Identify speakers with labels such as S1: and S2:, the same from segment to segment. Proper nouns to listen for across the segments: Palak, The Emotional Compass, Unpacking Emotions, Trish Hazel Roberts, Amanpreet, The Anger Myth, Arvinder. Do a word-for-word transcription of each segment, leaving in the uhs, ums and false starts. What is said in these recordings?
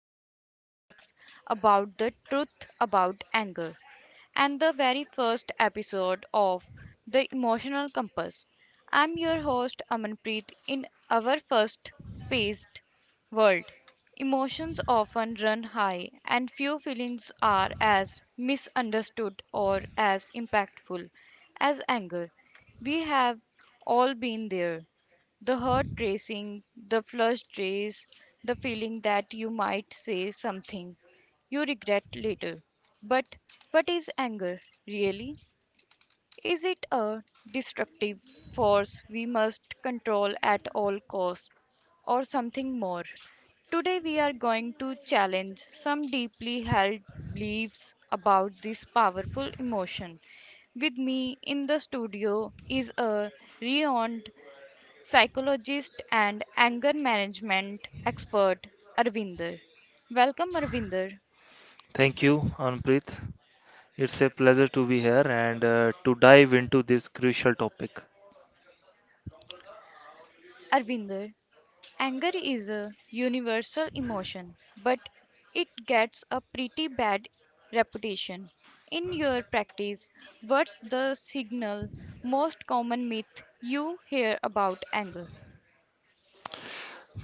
S1: our topic is about the truth about anger and the very first episode of The Emotional Compass. I'm your host, Amanpreet. In our first paced world, emotions often run high, and few feelings are as misunderstood or as impactful as anger. We have all been there, the heart racing, the flushed race, the feeling that you might say something you regret later. But what is anger really? Is it a destructive force we must control at all costs, or something more? Today we are going to challenge some deeply held beliefs about this powerful emotion. With me in the studio is a renowned psychologist and anger management expert, Arvinder. Welcome, Arvinder.
S2: Thank you, Anpreet. It's a pleasure to be here and uh, to dive into this crucial topic.
S1: Arvinder, anger is a universal emotion, but it gets a pretty bad reputation. In your practice, what's the signal most common myth you hear about anger?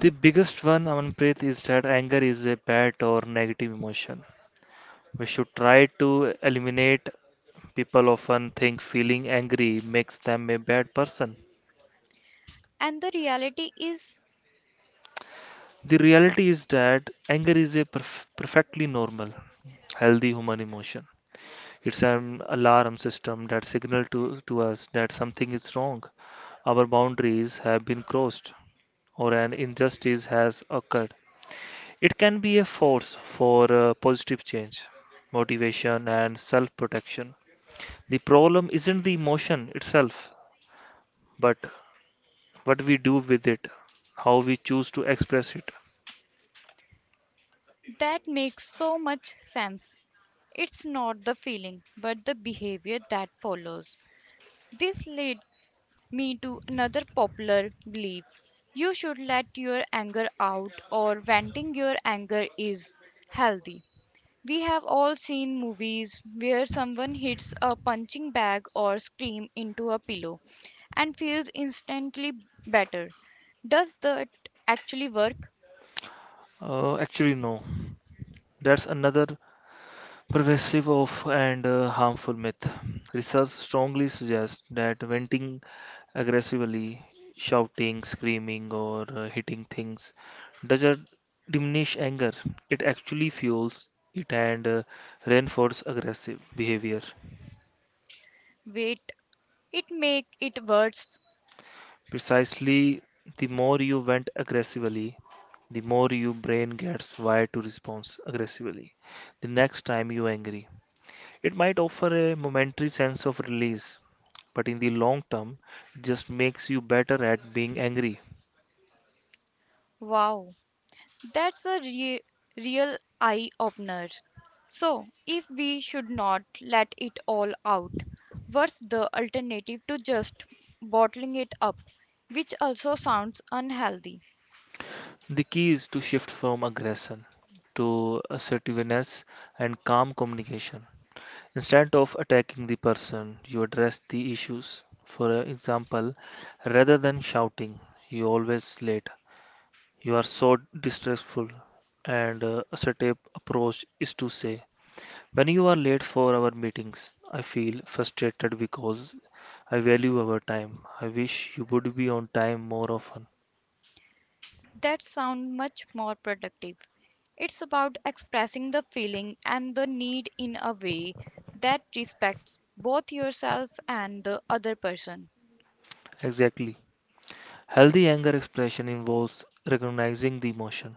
S2: The biggest one, Anpreet, is that anger is a bad or negative emotion. We should try to eliminate. People often think feeling angry makes them a bad person.
S1: And the reality is
S2: The reality is that anger is a perf- perfectly normal, healthy human emotion. It's an alarm system that signals to, to us that something is wrong. Our boundaries have been crossed or an injustice has occurred. It can be a force for uh, positive change, motivation, and self protection. The problem isn't the emotion itself, but what we do with it, how we choose to express it.
S1: that makes so much sense. It's not the feeling, but the behavior that follows. This lead me to another popular belief. You should let your anger out, or venting your anger is healthy. We have all seen movies where someone hits a punching bag or scream into a pillow and feels instantly better. Does that actually work?
S2: Uh, actually, no. That's another pervasive of and uh, harmful myth. Research strongly suggests that venting aggressively, shouting, screaming, or uh, hitting things doesn't diminish anger. It actually fuels it and uh, reinforces aggressive behavior.
S1: Wait, it make it worse.
S2: Precisely, the more you vent aggressively, the more your brain gets wired to respond aggressively. The next time you're angry, it might offer a momentary sense of release but in the long term, it just makes you better at being angry.
S1: Wow. That's a re- Real eye opener. So, if we should not let it all out, what's the alternative to just bottling it up, which also sounds unhealthy?
S2: The key is to shift from aggression to assertiveness and calm communication. Instead of attacking the person, you address the issues. For example, rather than shouting, you always late. You are so distressful, and uh, assertive approach is to say, when you are late for our meetings, I feel frustrated because I value our time. I wish you would be on time more often.
S1: That sounds much more productive. It's about expressing the feeling and the need in a way that respects both yourself and the other person.
S2: Exactly. Healthy anger expression involves recognizing the emotion,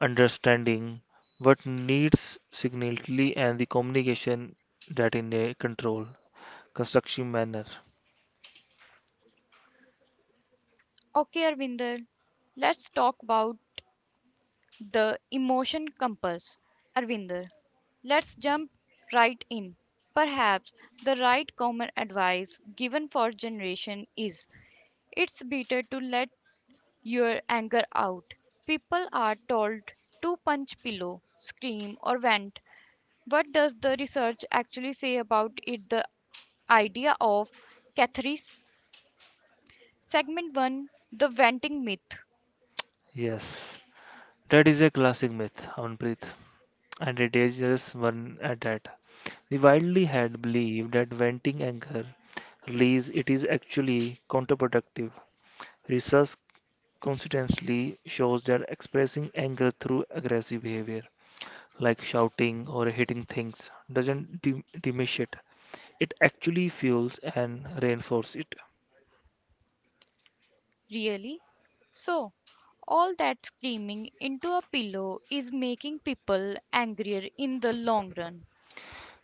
S2: understanding what needs significantly, and the communication that in a control, constructive manner.
S1: Okay, Arvinder, let's talk about The Emotion Compass. Arvinder, let's jump right in. Perhaps the right common advice given for generation is it's better to let your anger out. People are told to punch pillow, scream or vent. What does the research actually say about it the idea of catharsis? Segment one, the venting myth.
S2: Yes, that is a classic myth, Amanpreet, and a dangerous one at that. The widely had believed that venting anger release it is actually counterproductive. Research consistently shows that expressing anger through aggressive behavior, like shouting or hitting things, doesn't dim- diminish it. It actually fuels and reinforces it.
S1: Really? So, all that screaming into a pillow is making people angrier in the long run.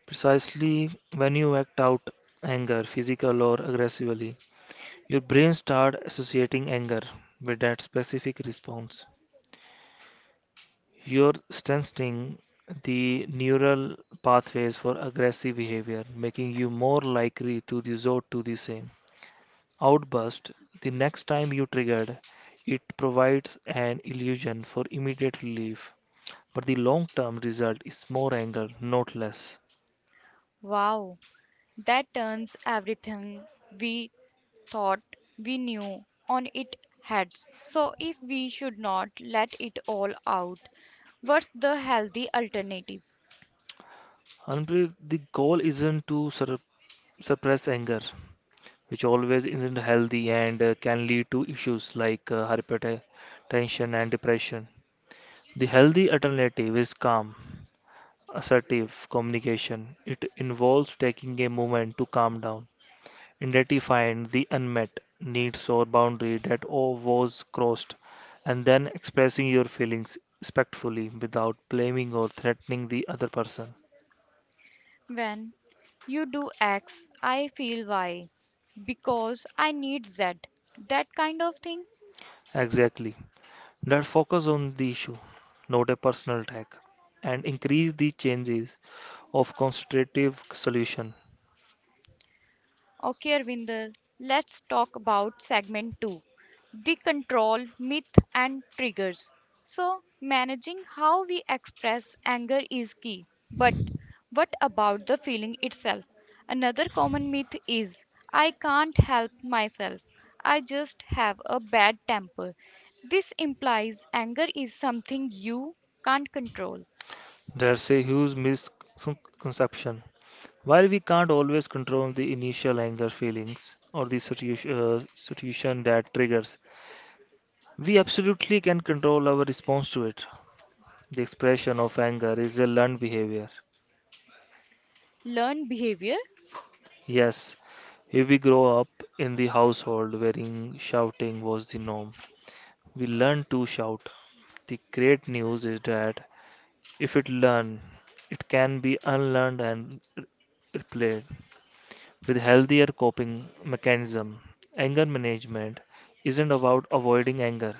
S2: Precisely when you act out anger, physical or aggressively, your brain starts associating anger with that specific response. You're strengthening the neural pathways for aggressive behavior, making you more likely to resort to the same outburst the next time you triggered. It provides an illusion for immediate relief, but the long term result is more anger, not less.
S1: Wow, that turns everything we thought we knew on its heads. So, if we should not let it all out, what's the healthy alternative?
S2: Harpreet, the goal isn't to sur- suppress anger, which always isn't healthy and uh, can lead to issues like uh, hypertension and depression. The healthy alternative is calm, assertive communication. It involves taking a moment to calm down, identifying the unmet needs or boundary that o- was crossed, and then expressing your feelings respectfully without blaming or threatening the other person.
S1: When you do X, I feel Y because I need Z. That kind of thing.
S2: Exactly. That focus on the issue, not a personal attack, and increase the chances of constructive solution.
S1: Okay, Arvinder, let's talk about segment two, the control, myth, and triggers. So, managing how we express anger is key. But what about the feeling itself? Another common myth is I can't help myself, I just have a bad temper. This implies anger is something you can't control.
S2: There's a huge misconception. While we can't always control the initial anger feelings or the situation, uh, situation that triggers, we absolutely can control our response to it. The expression of anger is a learned behavior.
S1: Learn behavior,
S2: Yes, if we grow up in the household wherein shouting was the norm, we learn to shout. The great news is that if it learned, it can be unlearned and re- replayed with healthier coping mechanism. Anger management isn't about avoiding anger.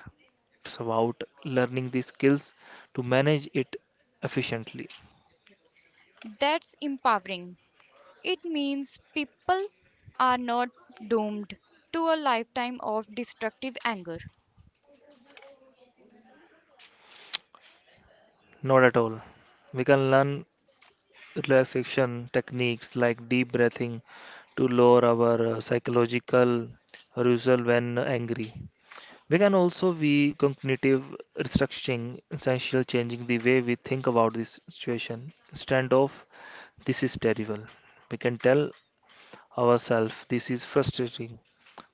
S2: It's about learning the skills to manage it efficiently.
S1: that's empowering. It means people are not doomed to a lifetime of destructive anger.
S2: Not at all. We can learn relaxation techniques like deep breathing to lower our uh, psychological arousal when angry. We can also be cognitive restructuring, essential changing the way we think about this situation. Instead of this is terrible, we can tell ourselves. This is frustrating,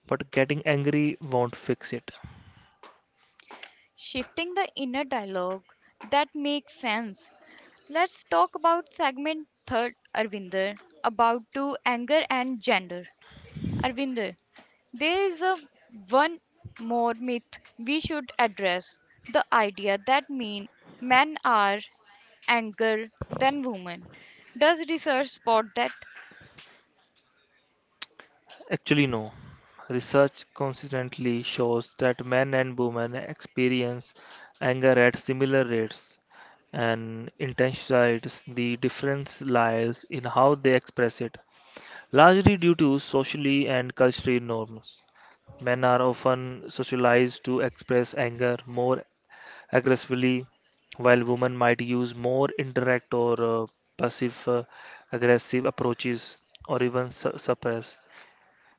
S2: but getting angry won't fix it.
S1: Shifting the inner dialogue, that makes sense. Let's talk about segment third, Arvinder, about to anger and gender. Arvinder, there is a one more myth we should address: the idea that mean men are anger than women. Does research support that?
S2: Actually, no. Research consistently shows that men and women experience anger at similar rates and intensities. The difference lies in how they express it, largely due to socially and culturally norms. Men are often socialized to express anger more aggressively, while women might use more indirect or uh, passive uh, aggressive approaches or even su- suppress,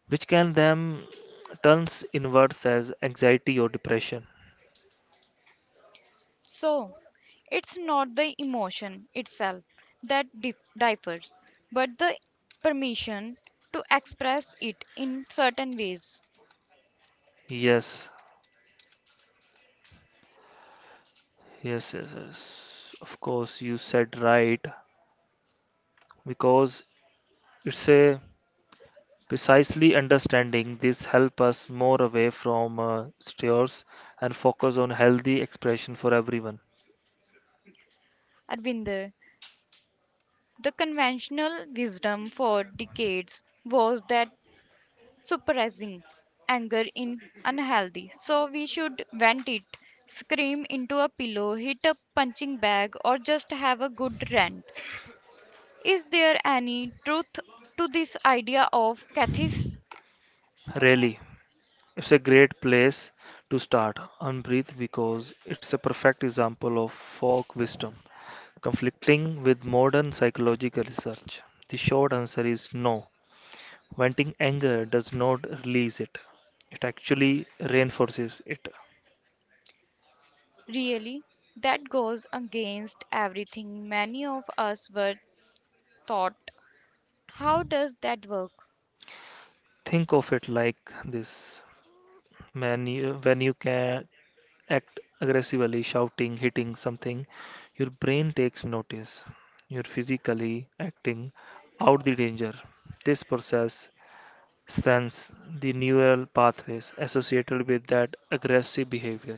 S2: which can then turns inwards as anxiety or depression.
S1: So, it's not the emotion itself that dif- differs, but the permission to express it in certain ways.
S2: Yes, yes, yes, yes. Of course, you said right because it's a precisely understanding this help us more away from uh, stores and focus on healthy expression for everyone.
S1: Arvinder, the conventional wisdom for decades was that suppressing anger in unhealthy. So we should vent it, scream into a pillow, hit a punching bag, or just have a good rant. Is there any truth to this idea of catharsis?
S2: Really. It's a great place to start and breathe because it's a perfect example of folk wisdom conflicting with modern psychological research. The short answer is no. Venting anger does not release it, it actually reinforces it.
S1: Really, that goes against everything many of us were taught. How does that work?
S2: Think of it like this, when you, when you can act aggressively, shouting, hitting something, your brain takes notice. You're physically acting out the danger. This process sense the neural pathways associated with that aggressive behavior.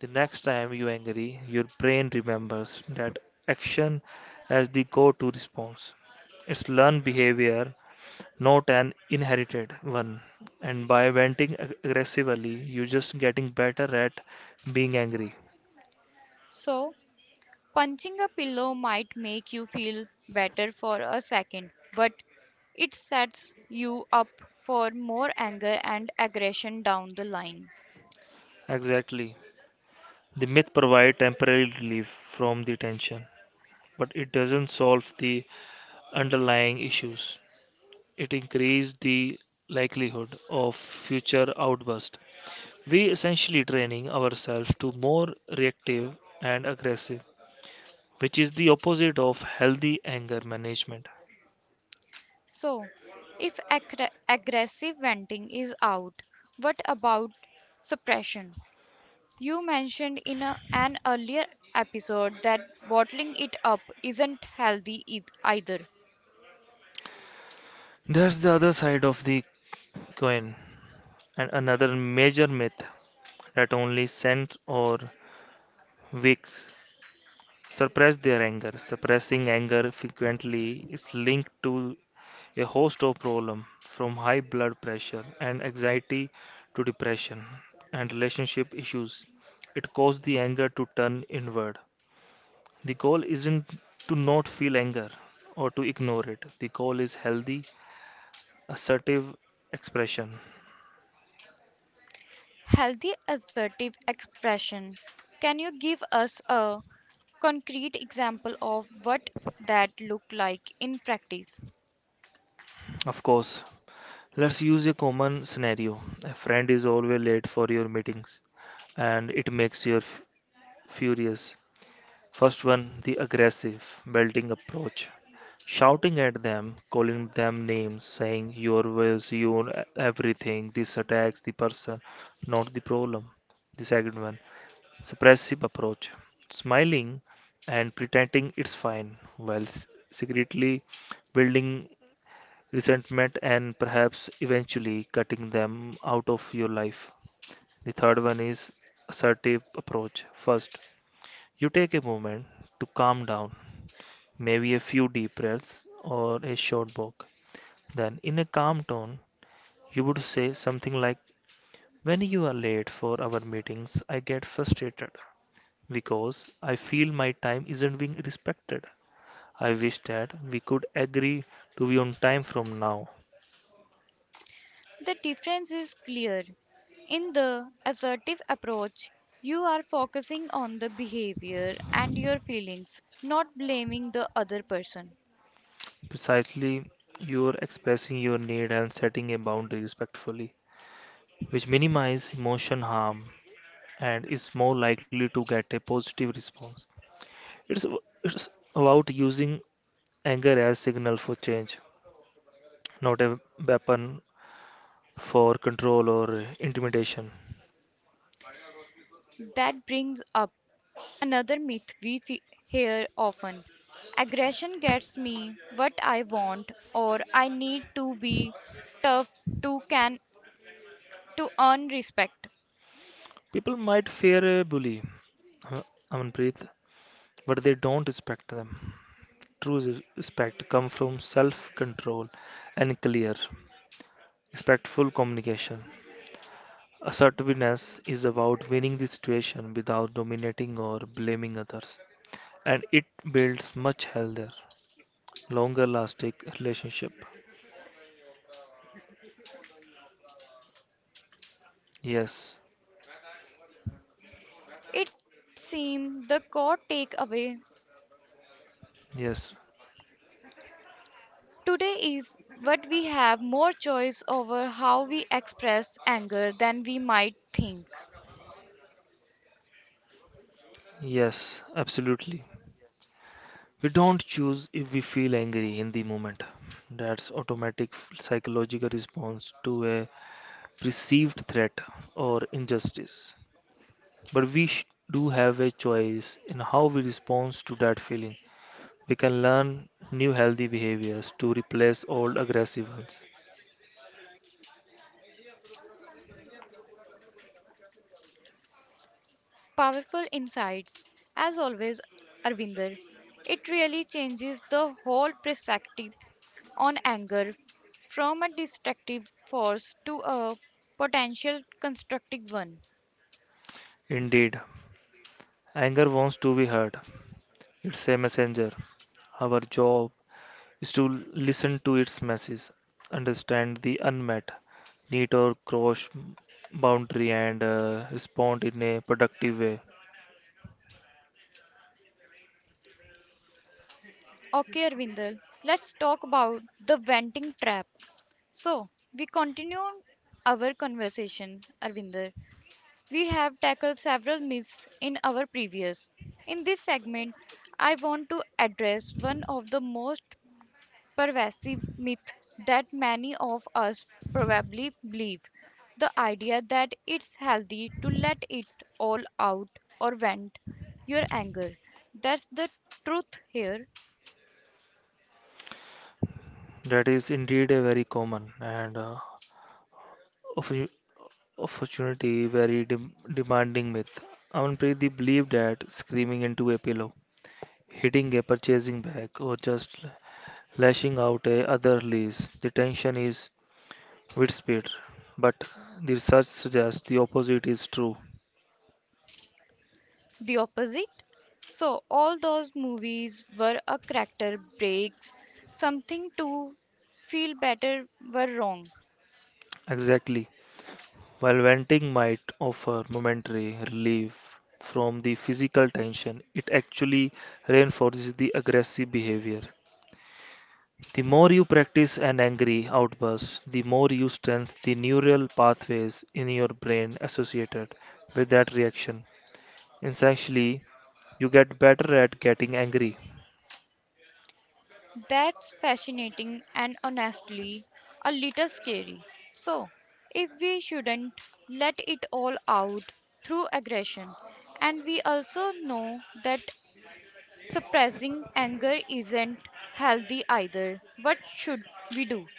S2: The next time you are angry, your brain remembers that action as the go-to response. It's learned behavior, not an inherited one. And by venting ag- aggressively, you're just getting better at being angry.
S1: So, punching a pillow might make you feel better for a second, but it sets you up for more anger and aggression down the line.
S2: Exactly. The myth provides temporary relief from the tension, but it doesn't solve the underlying issues. It increases the likelihood of future outbursts. We essentially training ourselves to more reactive and aggressive, which is the opposite of healthy anger management.
S1: So, if aggr- aggressive venting is out, what about suppression? You mentioned in a, an earlier episode that bottling it up isn't healthy eith- either.
S2: There's the other side of the coin, and another major myth that only saints or wicks suppress their anger. Suppressing anger frequently is linked to a host of problems from high blood pressure and anxiety to depression and relationship issues. It caused the anger to turn inward. The goal isn't to not feel anger or to ignore it. The goal is healthy, assertive expression.
S1: Healthy assertive expression. Can you give us a concrete example of what that look like in practice?
S2: Of course, let's use a common scenario. A friend is always late for your meetings and it makes you f- furious. First one, the aggressive, belting approach. Shouting at them, calling them names, saying your ways, your e- everything. This attacks the person, not the problem. The second one, suppressive approach. Smiling and pretending it's fine, while s- secretly building resentment and perhaps eventually cutting them out of your life. The third one is assertive approach. First, you take a moment to calm down, maybe a few deep breaths or a short walk. Then, in a calm tone, you would say something like, when you are late for our meetings, I get frustrated because I feel my time isn't being respected. I wish that we could agree to be on time from now.
S1: The difference is clear. In the assertive approach, you are focusing on the behavior and your feelings, not blaming the other person.
S2: Precisely, you're expressing your need and setting a boundary respectfully, which minimizes emotion harm and is more likely to get a positive response. It's, it's about using anger as signal for change, not a weapon for control or intimidation.
S1: That brings up another myth we fe hear often. Aggression gets me what I want, or I need to be tough to can to earn respect.
S2: People might fear a bully, uh, Amanpreet, but they don't respect them. True res- respect comes from self-control and clear, respectful communication. Assertiveness is about winning the situation without dominating or blaming others, and it builds much healthier, longer-lasting relationship. Yes,
S1: It seems the core takeaway
S2: yes,
S1: today is what we have more choice over how we express anger than we might think.
S2: yes, absolutely. We don't choose if we feel angry in the moment. That's automatic psychological response to a perceived threat or injustice. But we sh- do have a choice in how we respond to that feeling. We can learn new healthy behaviors to replace old aggressive ones.
S1: Powerful insights, as always, Arvinder. It really changes the whole perspective on anger from a destructive force to a potential constructive one.
S2: Indeed, anger wants to be heard. It's a messenger. Our job is to listen to its message, understand the unmet need or cross boundary, and uh, respond in a productive way.
S1: Okay, Arvindal, let's talk about the venting trap. So, we continue our conversation, Arvinder. We have tackled several myths in our previous. In this segment, I want to address one of the most pervasive myth that many of us probably believe. The idea that it's healthy to let it all out or vent your anger. That's the truth here,
S2: That is indeed a very common and uh, oppo- opportunity, very dem- demanding myth. Amanpreet they believe that screaming into a pillow, hitting a purchasing bag, or just lashing out at other lease, the tension is with speed. But the research suggests the opposite is true.
S1: the opposite. So, all those movies were a character breaks, something to feel better were wrong.
S2: Exactly. While venting might offer momentary relief from the physical tension, it actually reinforces the aggressive behavior. The more you practice an angry outburst, the more you strengthen the neural pathways in your brain associated with that reaction. Essentially, you get better at getting angry.
S1: That's fascinating and honestly a little scary. So, if we shouldn't let it all out through aggression, and we also know that suppressing anger isn't healthy either, what should we do?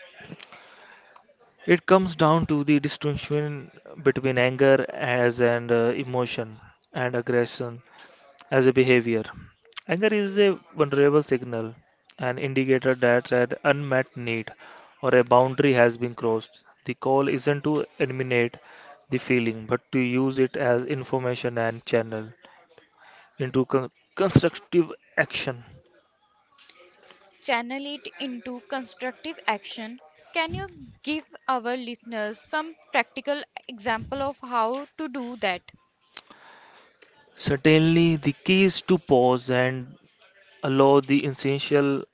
S2: It comes down to the distinction between anger as an uh, emotion and aggression as a behavior. Anger is a vulnerable signal, an indicator that an unmet need or a boundary has been crossed. The call isn't to eliminate the feeling, but to use it as information and channel into con- constructive action.
S1: Channel it into constructive action. Can you give our listeners some practical example of how to do that?
S2: Certainly, the key is to pause and allow the essential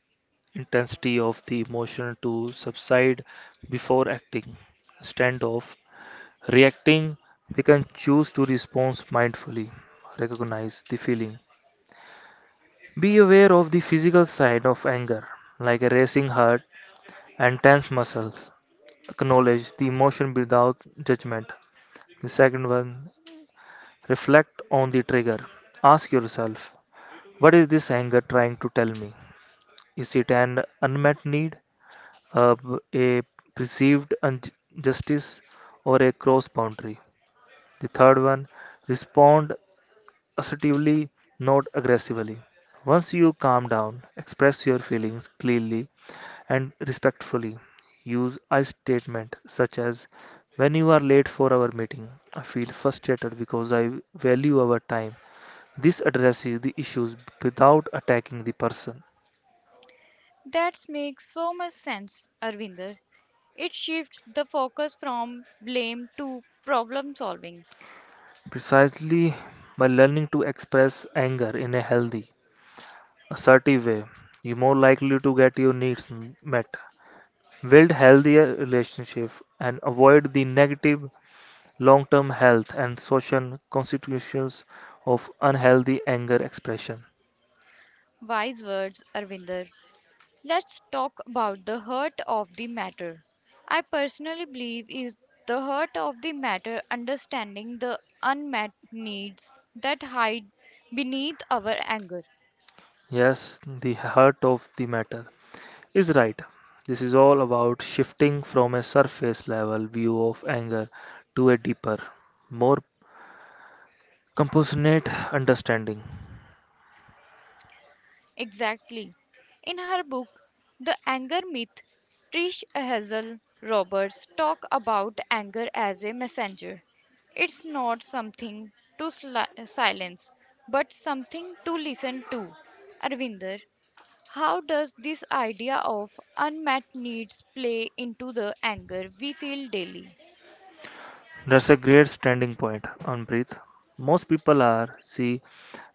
S2: intensity of the emotion to subside before acting. Standoff reacting, we can choose to respond mindfully, recognize the feeling. Be aware of the physical side of anger, like a racing heart and tense muscles. Acknowledge the emotion without judgment. The second one, reflect on the trigger. Ask yourself, what is this anger trying to tell me? Is it an unmet need, a, a perceived injustice, or a cross boundary? The third one, respond assertively, not aggressively. Once you calm down, express your feelings clearly and respectfully. Use I statement such as when you are late for our meeting, I feel frustrated because I value our time. This addresses the issues without attacking the person.
S1: That makes so much sense, Arvinder. It shifts the focus from blame to problem solving.
S2: Precisely by learning to express anger in a healthy, assertive way, you're more likely to get your needs m- met. Build healthier relationships and avoid the negative long-term health and social consequences of unhealthy anger expression.
S1: Wise words, Arvinder. Let's talk about the heart of the matter. I personally believe is the heart of the matter understanding the unmet needs that hide beneath our anger.
S2: Yes, the heart of the matter is right. This is all about shifting from a surface level view of anger to a deeper, more compassionate understanding.
S1: Exactly. In her book, The Anger Myth, Trish Hazel Roberts talk about anger as a messenger. It's not something to sli- silence, but something to listen to. Arvinder, how does this idea of unmet needs play into the anger we feel daily?
S2: That's a great standing point, Amrit. Most people are see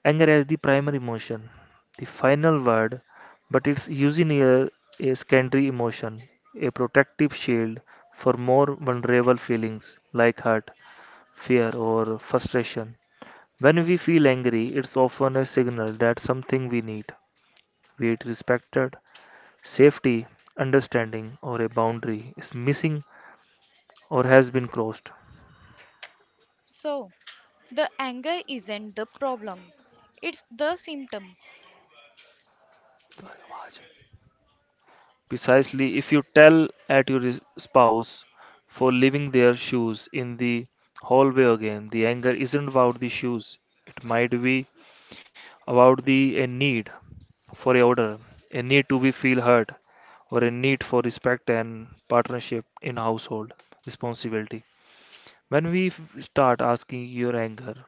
S2: anger as the primary emotion, the final word, but it's usually a, a secondary emotion, a protective shield for more vulnerable feelings like hurt, fear, or frustration. When we feel angry, it's often a signal that something we need, be it respected, safety, understanding, or a boundary is missing or has been crossed.
S1: So, the anger isn't the problem, it's the symptom.
S2: Precisely, if you tell at your is- spouse for leaving their shoes in the hallway again, the anger isn't about the shoes. It might be about the a need for a order, a need to be feel heard, or a need for respect and partnership in household responsibility. When we f- Start asking your anger,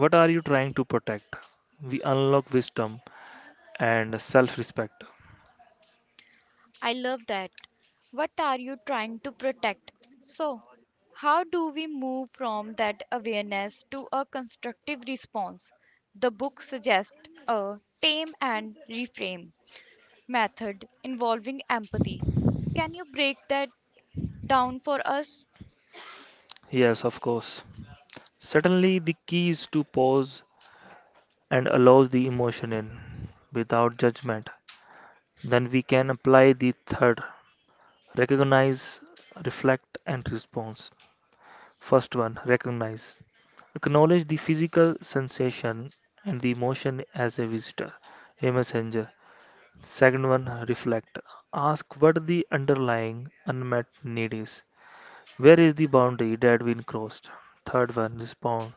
S2: what are you trying to protect? We unlock wisdom and self-respect.
S1: I love that. What are you trying to protect? So, how do we move from that awareness to a constructive response? The book suggests a tame and reframe method involving empathy. Can you break that down for us?
S2: Yes, of course. Certainly, the key is to pause and allow the emotion in without judgment. Then we can apply the third recognize, reflect, and response. First one recognize. Acknowledge the physical sensation and the emotion as a visitor, a messenger. Second one reflect. Ask what the underlying unmet need is. Where is the boundary that we crossed? Third one respond.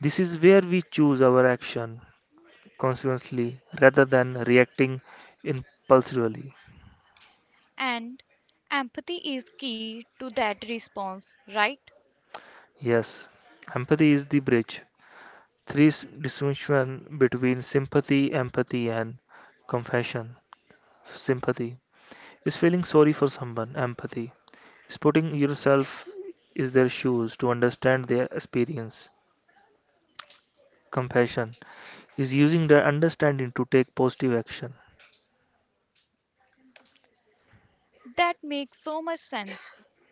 S2: This is where we choose our action consciously rather than reacting impulsively.
S1: And empathy is key to that response, right?
S2: Yes, empathy is the bridge. Three s- distinction between sympathy, empathy, and compassion. Sympathy is feeling sorry for someone. Empathy is putting yourself in their shoes to understand their experience. Compassion is using their understanding to take positive action.
S1: That makes so much sense.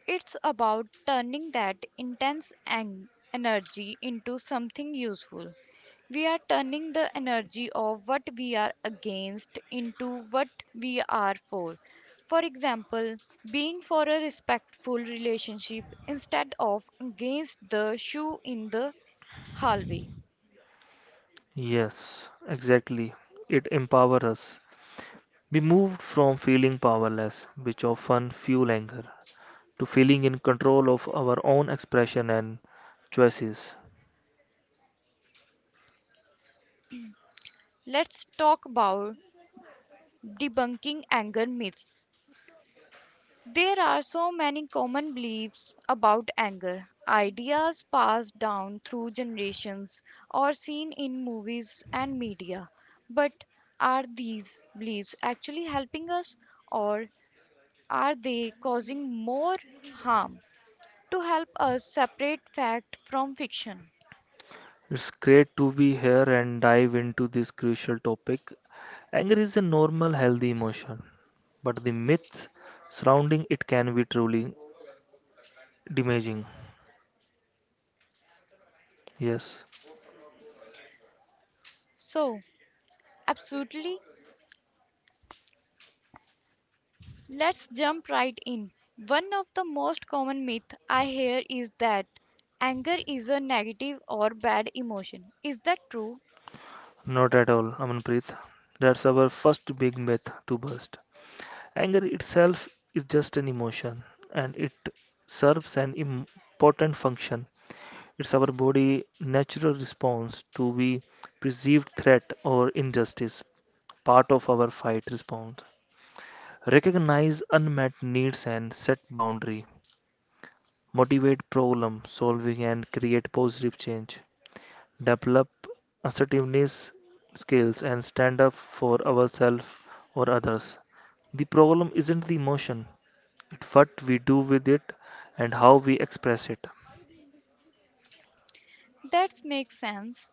S1: It's about turning that intense ang- energy into something useful. We are turning the energy of what we are against into what we are for. For example, being for a respectful relationship instead of against the shoe in the hallway.
S2: Yes, exactly. It empowers us. We moved from feeling powerless, which often fuel anger, to feeling in control of our own expression and choices.
S1: Let's talk about debunking anger myths. There are so many common beliefs about anger, ideas passed down through generations or seen in movies and media. But are these beliefs actually helping us, or are they causing more harm? To help us separate fact from fiction.
S2: It's great to be here and dive into this crucial topic. Anger is a normal, healthy emotion, but the myths surrounding it can be truly damaging. Yes,
S1: So, absolutely, let's jump right in. One of the most common myths I hear is that anger is a negative or bad emotion. Is that true?
S2: not at all, Amanpreet. That's our first big myth to bust. Anger itself is just an emotion and it serves an important function. It's our body natural response to be perceived threat or injustice, part of our fight response. Recognize unmet needs and set boundary. Motivate problem solving and create positive change. Develop assertiveness skills and stand up for ourselves or others. The problem isn't the emotion, it's what we do with it and how we express it.
S1: That makes sense.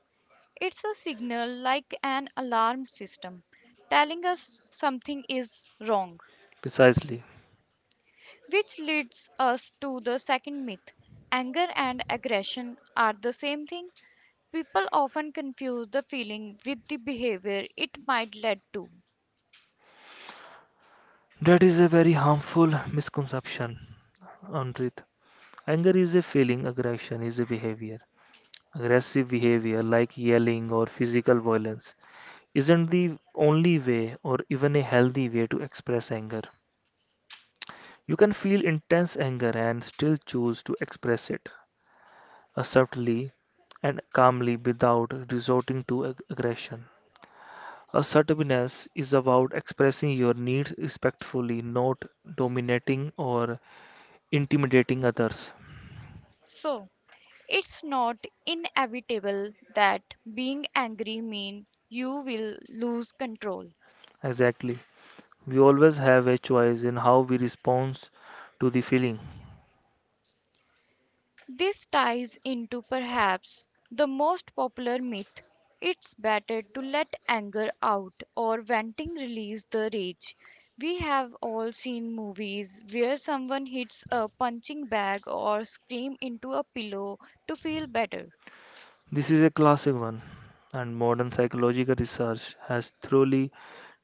S1: It's a signal like an alarm system telling us something is wrong,
S2: Precisely.
S1: which leads us to the second myth. Anger and aggression are the same thing. People often confuse the feeling with the behavior it might lead to.
S2: That is a very harmful misconception. Anrit, anger is a feeling, aggression is a behavior. Aggressive behavior like yelling or physical violence isn't the only way or even a healthy way to express anger. You can feel intense anger and still choose to express it uh, subtly and calmly without resorting to ag- aggression. Assertiveness is about expressing your needs respectfully, not dominating or intimidating others.
S1: So, it's not inevitable that being angry means you will lose control.
S2: Exactly. We always have a choice in how we respond to the feeling.
S1: This ties into perhaps the most popular myth, it's better to let anger out or venting release the rage. We have all seen movies where someone hits a punching bag or scream into a pillow to feel better.
S2: This is a classic one, and modern psychological research has thoroughly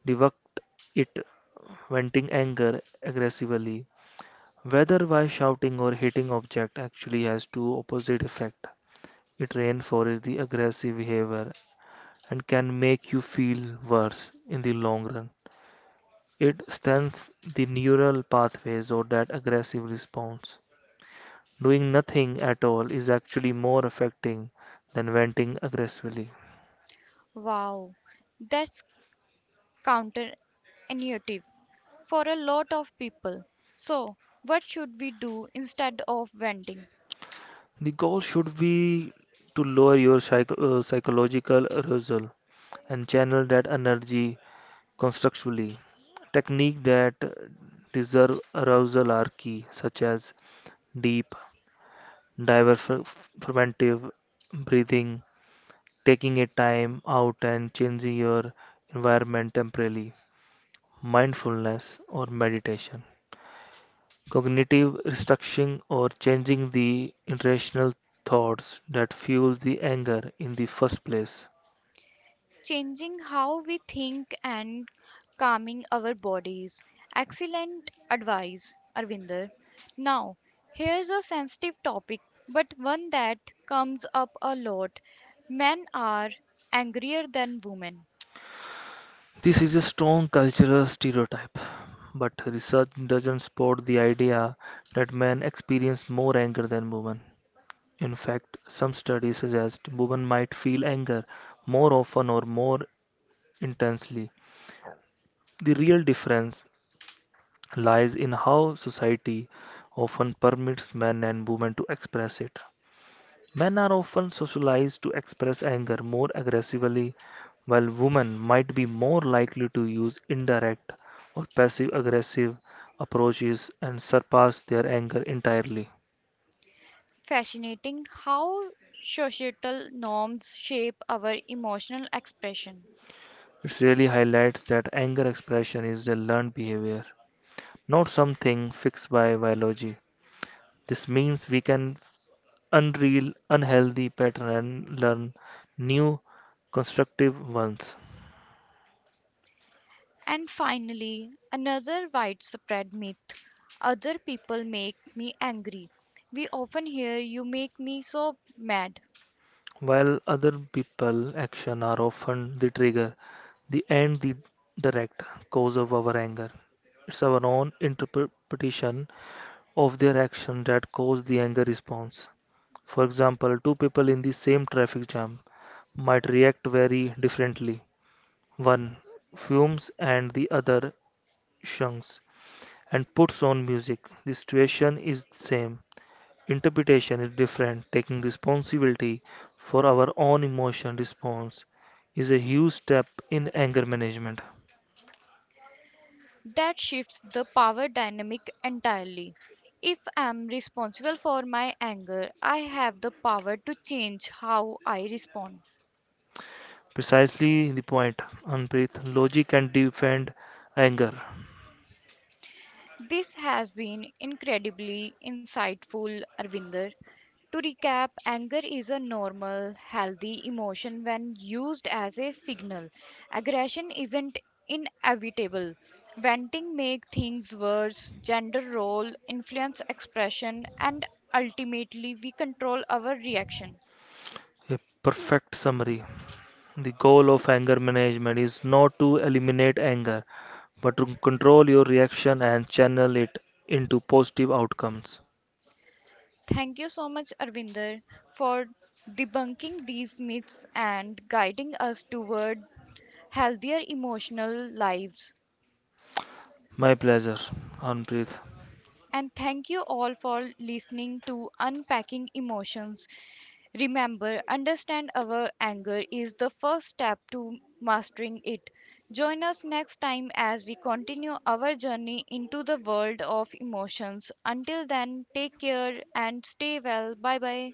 S2: debunked it. Venting anger aggressively, whether by shouting or hitting object, actually has two opposite effects. It reinforces the aggressive behavior and can make you feel worse in the long run. It strengthens the neural pathways or that aggressive response. Doing nothing at all is actually more affecting than venting aggressively.
S1: Wow, that's counterintuitive for a lot of people. So, what should we do instead of venting?
S2: The goal should be to lower your psych- uh, psychological arousal and channel that energy constructively. Techniques that deserve arousal are key, such as deep, diverformative breathing, taking a time out and changing your environment temporarily, mindfulness or meditation. Cognitive restructuring or changing the irrational thoughts that fuel the anger in the first place.
S1: Changing how we think and calming our bodies. Excellent advice, Arvinder. Now, here's a sensitive topic, but one that comes up a lot. Men are angrier than women.
S2: This is a strong cultural stereotype, but research doesn't support the idea that men experience more anger than women. In fact, some studies suggest women might feel anger more often or more intensely. The real difference lies in how society often permits men and women to express it. Men are often socialized to express anger more aggressively, while women might be more likely to use indirect or passive aggressive approaches and surpass their anger entirely.
S1: Fascinating how societal norms shape our emotional expression.
S2: It really highlights that anger expression is a learned behavior, not something fixed by biology. This means we can unreal unhealthy patterns and learn new constructive ones.
S1: And finally, another widespread myth, other people make me angry. We often hear you make me so mad.
S2: While other people action are often the trigger, the end the direct cause of our anger. It's our own interpretation of their action that cause the anger response. For example, two people in the same traffic jam might react very differently. One fumes and the other shunks and puts on music. The situation is the same. Interpretation is different. Taking responsibility for our own emotion response is a huge step in anger management.
S1: That shifts the power dynamic entirely. If I'm responsible for my anger, I have the power to change how I respond.
S2: Precisely the point, Anpreet. Logic can defend anger.
S1: This has been incredibly insightful, Arvinder. To recap, anger is a normal, healthy emotion when used as a signal. Aggression isn't inevitable. Venting make things worse, gender role influence expression, and ultimately we control our reaction.
S2: A perfect summary. The goal of anger management is not to eliminate anger, but to control your reaction and channel it into positive outcomes.
S1: Thank you so much, Arvinder, for debunking these myths and guiding us toward healthier emotional lives.
S2: My pleasure, Anpreet.
S1: And thank you all for listening to Unpacking Emotions. Remember, understand our anger is the first step to mastering it. Join us next time as we continue our journey into the world of emotions. Until then, take care and stay well. Bye bye.